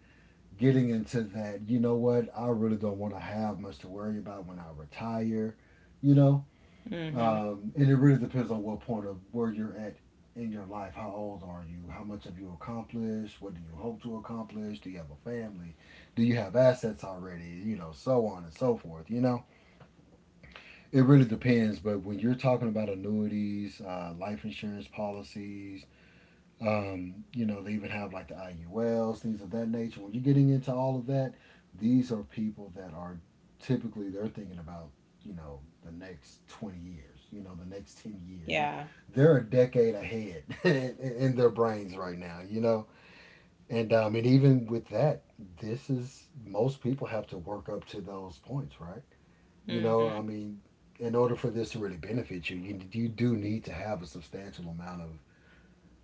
getting into that, you know what, I really don't want to have much to worry about when I retire. You know,
Mm-hmm.
and it really depends on what point of where you're at in your life. How old are you? How much have you accomplished? What do you hope to accomplish? Do you have a family? Do you have assets already? You know, so on and so forth. You know, it really depends. But when you're talking about annuities, life insurance policies, you know, they even have like the IULs, things of that nature. When you're getting into all of that, these are people that are typically, they're thinking about, you know, the next 20 years, you know, the next 10 years.
Yeah.
They're a decade ahead in, their brains right now, you know. And I mean, even with that, this is, most people have to work up to those points, right? You know,
Mm-hmm.
I mean, in order for this to really benefit you, you, you do need to have a substantial amount of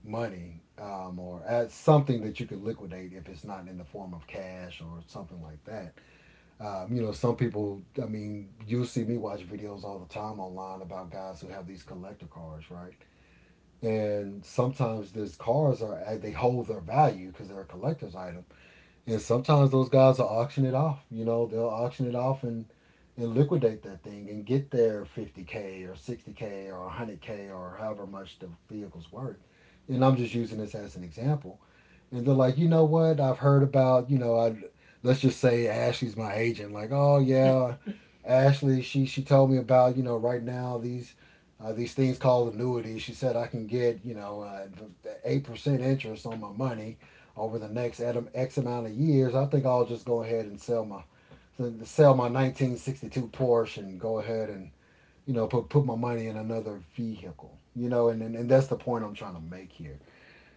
money, or as something that you could liquidate if it's not in the form of cash or something like that. You know, some people, I mean, you'll see me watch videos all the time online about guys who have these collector cars, right? And sometimes these cars are, they hold their value because they're a collector's item, and sometimes those guys will auction it off. You know, they'll auction it off and liquidate that thing and get their 50k or 60k or 100k, or however much the vehicle's worth. And I'm just using this as an example. And they're like, you know what, I've heard about, you know, I, let's just say Ashley's my agent. Like, oh yeah, Ashley, she told me about, you know, right now these things called annuities. She said I can get, you know, 8% interest on my money over the next X amount of years. I think I'll just go ahead and sell my, sell my 1962 Porsche and go ahead and, you know, put my money in another vehicle. You know, and and that's the point I'm trying to make here,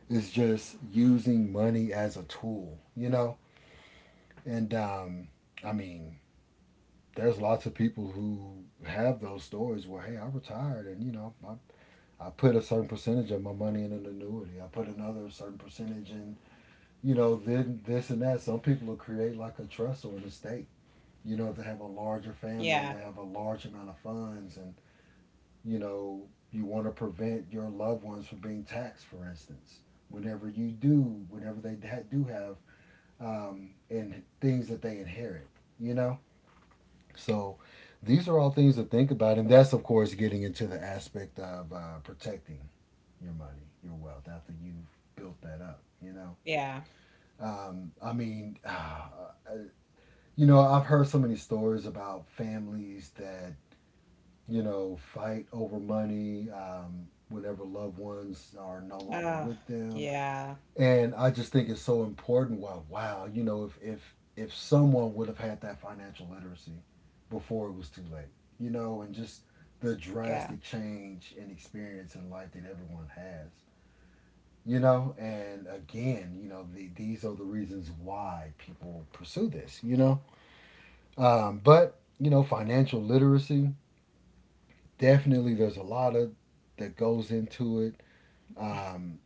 is just using money as a tool, you know? And um, I mean, there's lots of people who have those stories where, hey, I retired and, you know, I put a certain percentage of my money in an annuity. I put another certain percentage in, you know, then this and that. Some people will create like a trust or an estate. You know, if they have a larger family and
Yeah.
they have a large amount of funds and, you know, you want to prevent your loved ones from being taxed, for instance. Whenever you do, whenever they do have and things that they inherit, you know? So these are all things to think about. And that's, of course, getting into the aspect of protecting your money, your wealth, after you've built that up, you know?
Yeah.
I mean, you know, I've heard so many stories about families that, you know, fight over money whenever loved ones are no longer
Oh,
with them,
yeah,
and I just think it's so important. Wow, you know, if someone would have had that financial literacy before it was too late, you know, and just the
yeah.
drastic change and experience in life that everyone has, you know, and again, you know, these are the reasons why people pursue this, but you know, financial literacy definitely there's a lot of that goes into it. Um,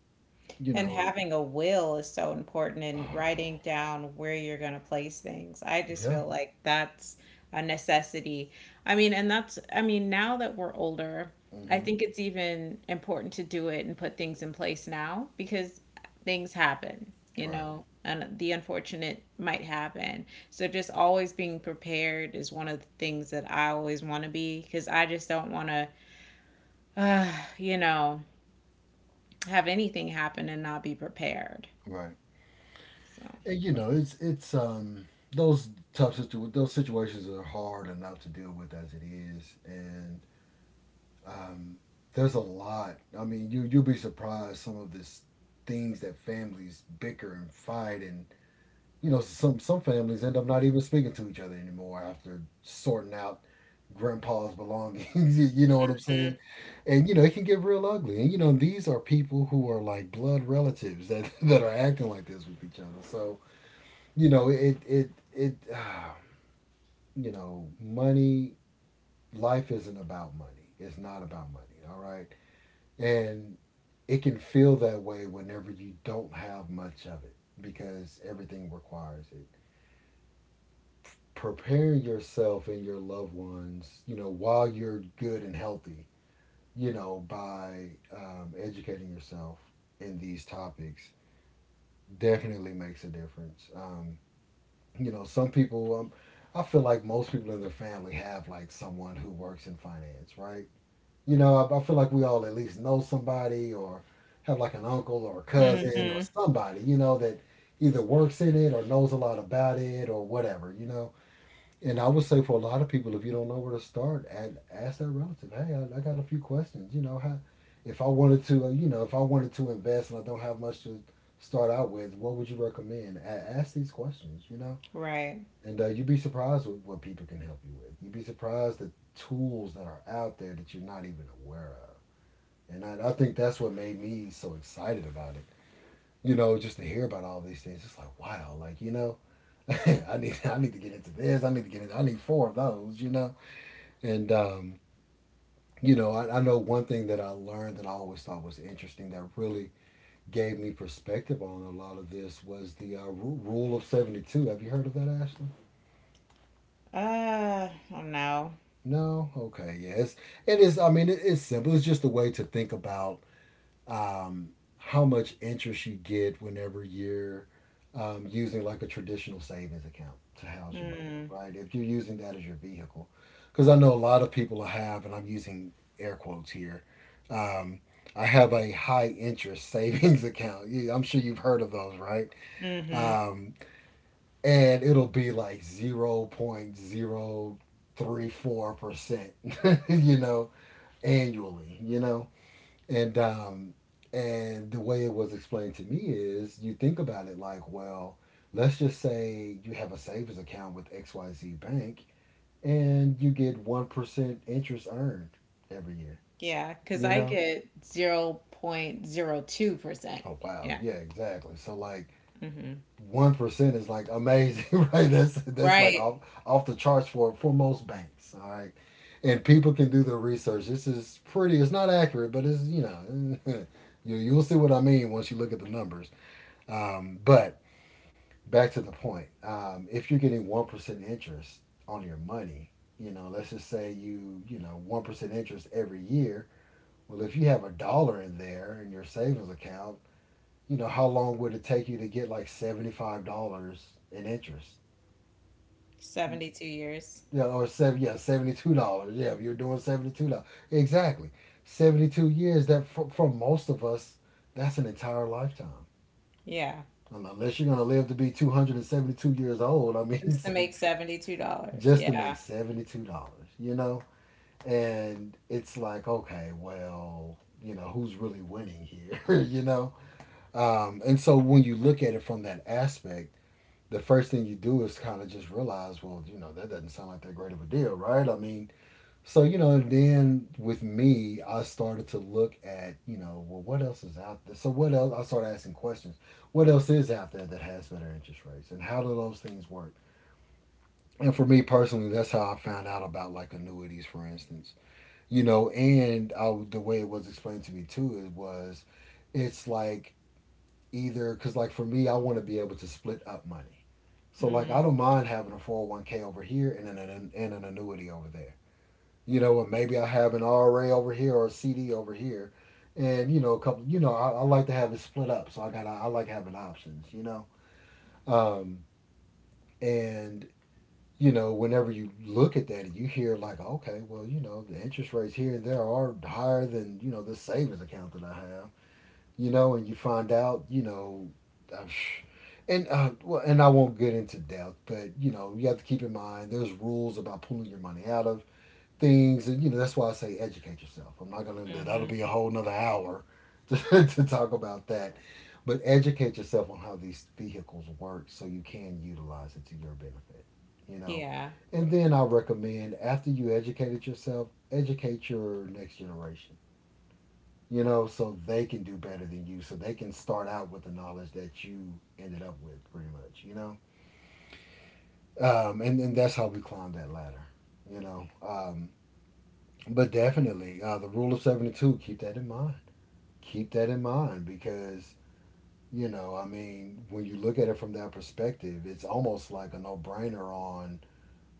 you
And
know,
having a will is so important and writing down where you're going to place things. I just
Yeah,
feel like that's a necessity. I mean, and that's, I mean, now that we're older, I
mm-hmm,
think it's even important to do it and put things in place now because things happen, you
right,
know, and the unfortunate might happen. So just always being prepared is one of the things that I always want to be because I just don't want to, uh, you know. Have anything happen and not be prepared.
right.
So,
And, you know, it's those situations are hard enough to deal with as it is, and um, there's a lot. I mean, you you'll be surprised some of this things that families bicker and fight, and you know, some families end up not even speaking to each other anymore after sorting out grandpa's belongings. you know what I'm saying? And you know, it can get real ugly. And you know, these are people who are like blood relatives that that are acting like this with each other. So you know it it it you know money life isn't about money. It's not about money, all right? And it can feel that way whenever you don't have much of it because everything requires it. Preparing yourself and your loved ones, you know, while you're good and healthy, you know, by educating yourself in these topics definitely makes a difference. You know, some people, I feel like most people in their family have like someone who works in finance, right? You know, I feel like we all at least know somebody or have like an uncle or a cousin or
hmm
somebody, you know, that either works in it or knows a lot about it or whatever, you know. And I would say for a lot of people, if you don't know where to start, ask that relative, hey, I got a few questions, you know, how, if I wanted to, you know, if I wanted to invest and I don't have much to start out with, what would you recommend? Ask these questions, you know,
right.
and you'd be surprised with what people can help you with. You'd be surprised at tools that are out there that you're not even aware of. And I think that's what made me so excited about it. You know, just to hear about all these things, it's like wow, like you know, I need to get into this. I need to get into, I need four of those. You know, and you know, I know one thing that I learned that I always thought was interesting that really gave me perspective on a lot of this was the rule of 72. Have you heard of that, Ashley?
I don't know.
No, okay, yes, yeah. It is. I mean, it, it's simple. It's just a way to think about um, how much interest you get whenever you're using like a traditional savings account to house your money,
Mm,
right? If you're using that as your vehicle, because I know a lot of people have, and I'm using air quotes here. Um, I have a high interest savings account. I'm sure you've heard of those, right?
hmm,
Um, and it'll be like 0.034%, you know, annually, you know? And um and the way it was explained to me is you think about it like, well, let's just say you have a savings account with XYZ Bank and you get 1% interest earned every year,
yeah, because
you
I
know?
get 0.02%.
Oh, wow.
Yeah.
Yeah, exactly. So, like,
Hmm.
1% is like amazing, right? That's like
Right.
off the charts for most banks. All right, and people can do the research. This is pretty. It's not accurate, but it's you know, you you'll see what I mean once you look at the numbers. But back to the point. If you're getting 1% interest on your money, you know, let's just say you you know 1% interest every year. Well, if you have a dollar in there in your savings account, you know, how long would it take you to get like $75 in interest?
72 years.
Yeah, or $72. Yeah, if you're doing $72. Exactly. 72 years, that for most of us, that's an entire lifetime.
Yeah.
Unless you're gonna live to be 272 years old, I mean,
Just to make $72.
just to make
Yeah.
$72, you know? And it's like, okay, well, you know, who's really winning here, you know? And so when you look at it from that aspect, the first thing you do is kind of just realize, well, you know, that doesn't sound like that great of a deal, right? I mean, so, you know, and then with me, I started to look at, you know, well, what else is out there? So, what else? I started asking questions. What else is out there that has better interest rates? And how do those things work? And for me personally, that's how I found out about like annuities, for instance. You know, and I, the way it was explained to me too, it was it's like either, because like for me, I want to be able to split up money so like I
Hmm.
don't mind having a 401k over here and an annuity over there. You know, and maybe I have an RA over here or a CD over here, and you know a couple. You know, I like to have it split up. So I like having options. You know, um, and you know whenever you look at that and you hear like okay, well you know the interest rates here and there are higher than you know the savings account that I have, you know, and you find out, you know, uh, and well, and I won't get into depth, but you know, you have to keep in mind there's rules about pulling your money out of things, and you know that's why I say educate yourself. I'm not gonna That'll
Hmm.
be a whole another hour to to talk about that, but educate yourself on how these vehicles work so you can utilize it to your benefit, you know.
Yeah.
And then I recommend after you educated yourself, educate your next generation, you know, so they can do better than you. So they can start out with the knowledge that you ended up with, pretty much, you know? And that's how we climb that ladder, you know? But definitely, the rule of 72, keep that in mind. Keep that in mind because, you know, I mean, when you look at it from that perspective, it's almost like a no brainer on,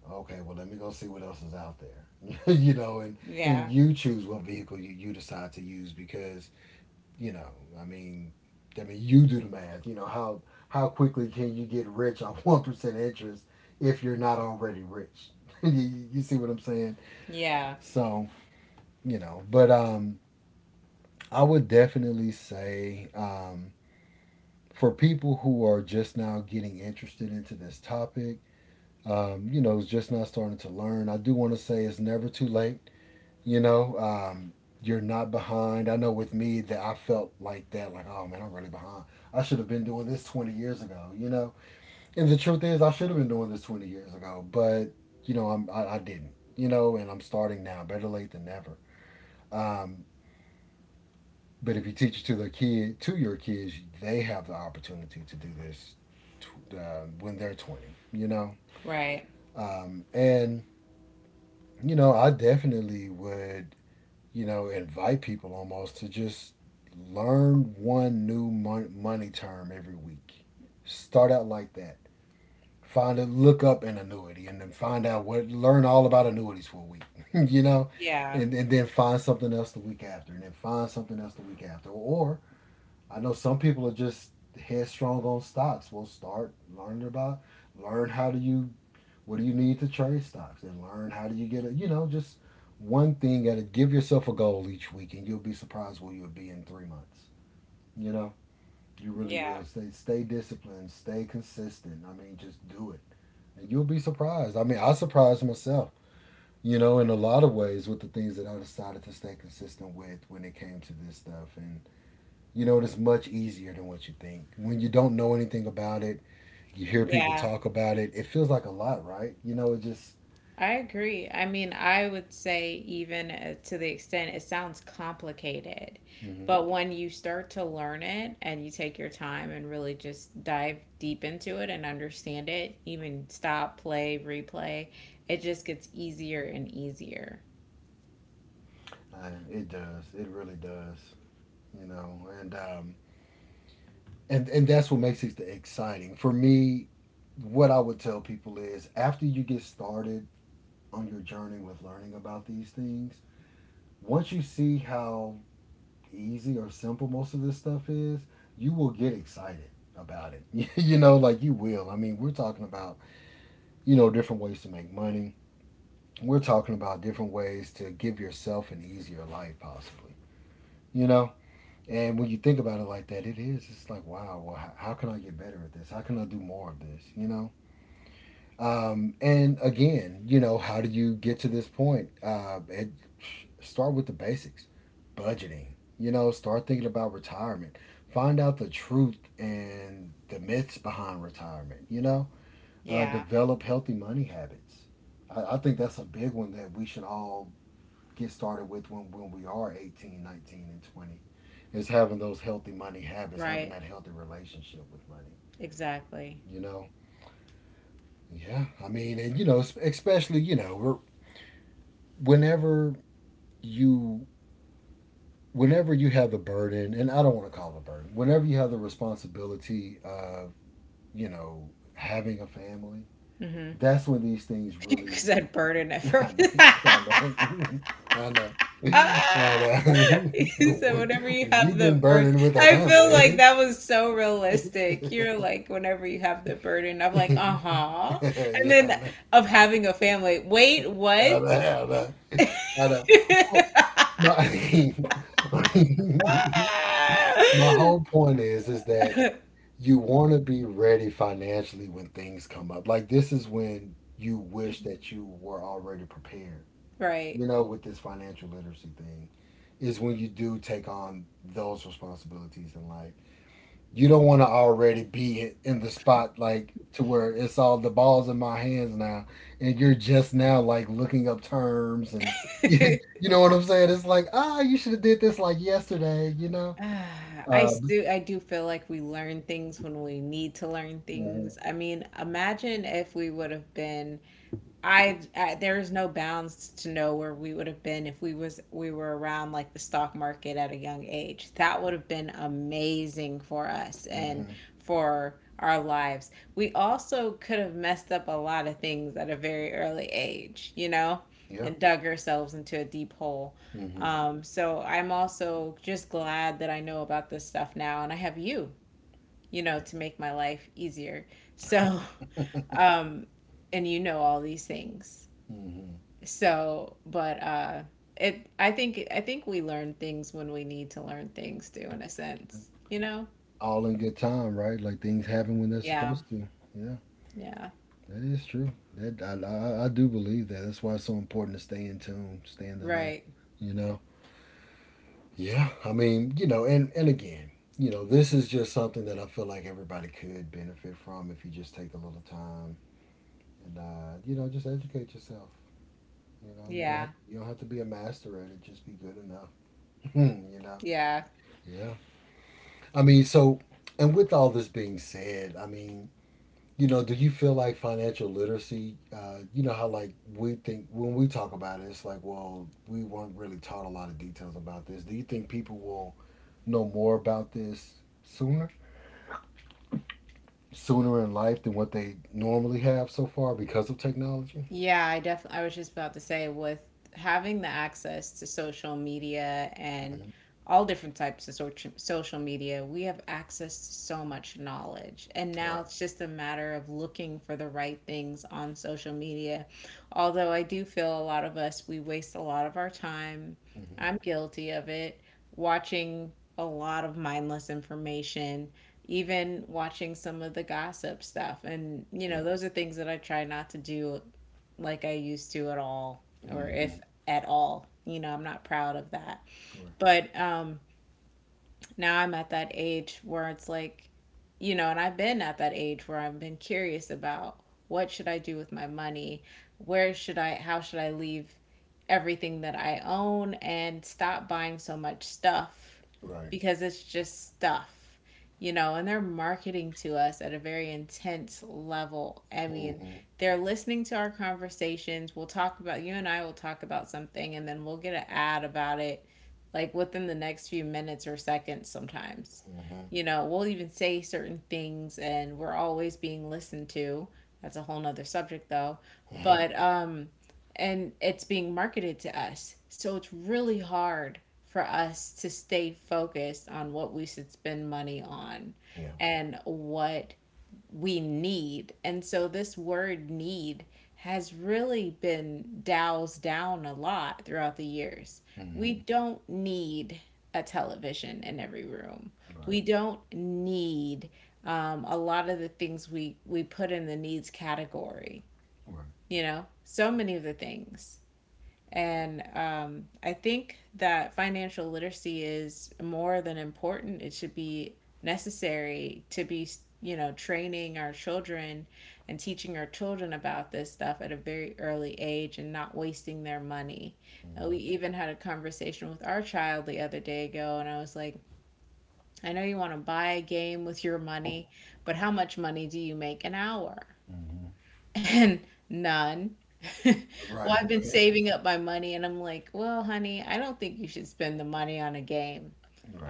okay, well, let me go see what else is out there, you know? And
Yeah.
you choose what vehicle you, you decide to use because you know, I mean, I mean, you do the math. You know how quickly can you get rich on 1% interest if you're not already rich? you see what I'm saying?
Yeah.
So you know, but I would definitely say for people who are just now getting interested into this topic, you know, just now starting to learn. I do want to say it's never too late. You know, you're not behind. I know with me that I felt like that, like, oh man, I'm really behind. I should have been doing this 20 years ago, you know? And the truth is, I should have been doing this 20 years ago, but, you know, I didn't, you know, and I'm starting now. Better late than never. Um, but if you teach it to to your kids, they have the opportunity to do this when they're 20, you know?
Right.
And, I definitely would invite people almost to just learn one new money term every week. Start out like that. Find a look up an annuity, and then find out what learn all about annuities for a week, you know,
Yeah.
and then find something else the week after, and then find something else the week after. Or I know some people are just headstrong on stocks. We'll start learning about learn how do you what do you need to trade stocks, and learn how do you get it? You know, just one thing at a give yourself a goal each week, and you'll be surprised where you'll be in 3 months. You know, you really
Yeah.
will. Stay disciplined, stay consistent. I mean, just do it. And you'll be surprised. I mean, I surprised myself, in a lot of ways with the things that I decided to stay consistent with when it came to this stuff. And it's much easier than what you think. When you don't know anything about it, you hear people
Yeah.
talk about it, it feels like a lot, right? You know, it just.
I agree. I mean, I would say, even to the extent it sounds complicated,
Mm-hmm.
but when you start to learn it and you take your time and really just dive deep into it and understand it, even stop, play, replay, it just gets easier and easier.
It does. It really does. You know, and and that's what makes it exciting for me. What I would tell people is, after you get started on your journey with learning about these things, once you see how easy or simple most of this stuff is, you will get excited about it. Like you will. I mean, we're talking about, different ways to make money. We're talking about different ways to give yourself an easier life, possibly. You know, And when you think about it like that, it is. It's like, wow, well, how can I get better at this? How can I do more of this? You know? And again, how do you get to this point? Start with the basics: budgeting, start thinking about retirement. Find out the truth and the myths behind retirement, you know? Uh,
Yeah.
develop healthy money habits. I think that's a big one that we should all get started with when, we are 18, 19, and 20, is having those healthy money habits, having
Right?
that healthy relationship with money.
Exactly.
You know, yeah. I mean, and especially whenever you you have the burden, and I don't want to call it a burden, whenever you have the responsibility of having a family,
Mm-hmm.
that's when these things
You
really.
said burden at
I
first.
know. I know. I know. I know.
You said
When.
whenever you
When
have
you've been
the burden,
burdened with a
I feel like
family.
that was so realistic. You're
it's-
like, whenever you have the burden, I'm like, uh-huh. And
yeah I
then
know.
of having a family, wait, what?
やだやだ。I know. Well, my my whole point is that you want to be ready financially when things come up. Like, this is when you wish that you were already prepared.
Right.
You know, with this financial literacy thing, is when you do take on those responsibilities in life, you don't want to already be in the spot, like, to where it's all the balls in my hands now, and you're just now, like, looking up terms, and you, you know what I'm saying. It's like, ah, you should have did this like yesterday, you know.
Ah, I
Uh,
still I do feel like we learn things when we need to learn
hmm.
things. I mean, imagine if we would have been I there is no bounds to know where we would have been if we were around like the stock market at a young age. That would have been amazing for us and
Hmm.
for our lives. We also could have messed up a lot of things at a very early age,
Yeah.
and dug ourselves into a deep hole.
Hmm.
So I'm also just glad that I know about this stuff now and I have you, to make my life easier. So,
Hmm.
um, and you know all these things. So, but it I think we learn things when we need to learn things too, in a sense, you know?
All in good time, right? Like, things happen when they're
Yeah.
supposed to. Yeah,
Yeah.
that is true. That I do believe that. That's why it's so important to stay in tune, stay in the know.
Right.
You know. Yeah, I mean, and again, this is just something that I feel like everybody could benefit from if you just take a little time and just educate yourself. You know,
Yeah.
you don't have to be a master at it. Just be good enough. you know.
Yeah.
Yeah. I mean, so and with all this being said, I mean, do you feel like financial literacy? You know how, like, we think when we talk about it, it's like, well, we weren't really taught a lot of details about this. Do you think people will know more about this sooner? sooner in life than what they normally have so far, because of technology?
Yeah, I definitely. I was just about to say, with having the access to social media
Mm-hmm.
and all different types of social media, we have access to so much knowledge. And now
Right.
it's just a matter of looking for the right things on social media. Although I do feel a lot of us, we waste a lot of our time.
Mm-hmm.
I'm guilty of it, watching a lot of mindless information even watching some of the gossip stuff and you
Yeah.
know those are things that I try not to do like I used to at all, or
Mm-hmm.
if at all. You know, I'm not proud of that.
Right.
But now I'm at that age where it's like, and I've been at that age where I've been curious about what should I do with my money? Where should I, how should I leave everything that I own and stop buying so much stuff
Right.
because it's just stuff, and they're marketing to us at a very intense level. I mean,
Mm-hmm.
they're listening to our conversations. We'll talk about, you and I will talk about something, and then we'll get an ad about it like within the next few minutes or seconds sometimes.
Mm-hmm.
You know, we'll even say certain things, and we're always being listened to. That's a whole nother subject, though. But, and it's being marketed to us. So it's really hard for us to stay focused on what we should spend money on
Yeah.
and what we need. And so this word need has really been doused down a lot throughout the years. We
Mm-hmm.
don't need a television in every room. We
Right.
don't need a lot of the things we put in the needs category,
Right.
so many of the things and I think that financial literacy is more than important. It should be necessary to be, training our children and teaching our children about this stuff at a very early age and not wasting their money.
Mm-hmm.
We even had a conversation with our child the other day ago, and I was like, I know you want to buy a game with your money, but how much money do you make an hour?
Mm-hmm.
And none. Well,
Right.
I've been
Right.
saving up my money and I'm like, well, honey, I don't think you should spend the money on a game.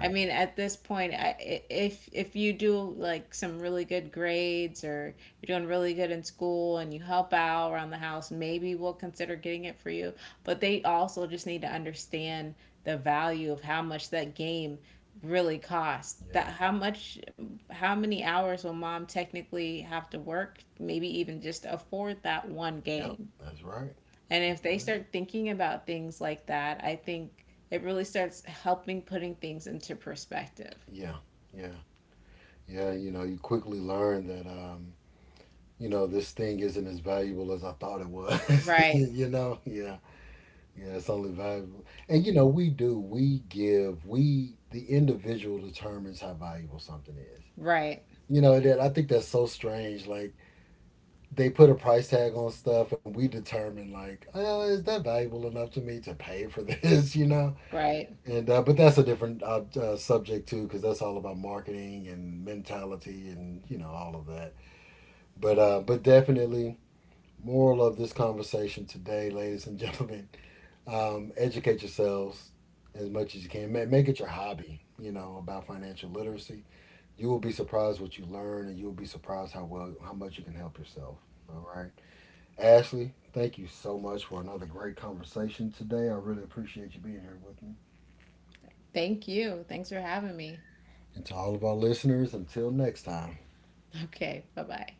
I mean, at this point, if you do like some really good grades or you're doing really good in school and you help out around the house, maybe we'll consider getting it for you. But they also just need to understand the value of how much that game really costs. That
Yeah.
how much, how many hours will mom technically have to work, maybe even just to afford that one
Yep.
game.
That's right.
And
That's
if they
right.
start thinking about things like that, I think it really starts helping putting things into perspective.
Yeah. Yeah. Yeah. You know, you quickly learn that, this thing isn't as valuable as I thought it was.
Right,
You know? Yeah. Yeah, it's only valuable. And the individual determines how valuable something is.
right,
You know, that I think that's so strange. Like, they put a price tag on stuff, and we determine, like, oh, is that valuable enough to me to pay for this, you know?
right.
And, but that's a different subject too, because that's all about marketing and mentality and, all of that. But definitely, moral of this conversation today, ladies and gentlemen, Educate yourselves as much as you can. Make it your hobby, about financial literacy. You will be surprised what you learn, and you will be surprised how much you can help yourself. All right, Ashley, thank you so much for another great conversation today. I really appreciate you being here with me.
Thank you. Thanks for having me.
And to all of our listeners, until next time.
Okay, bye bye.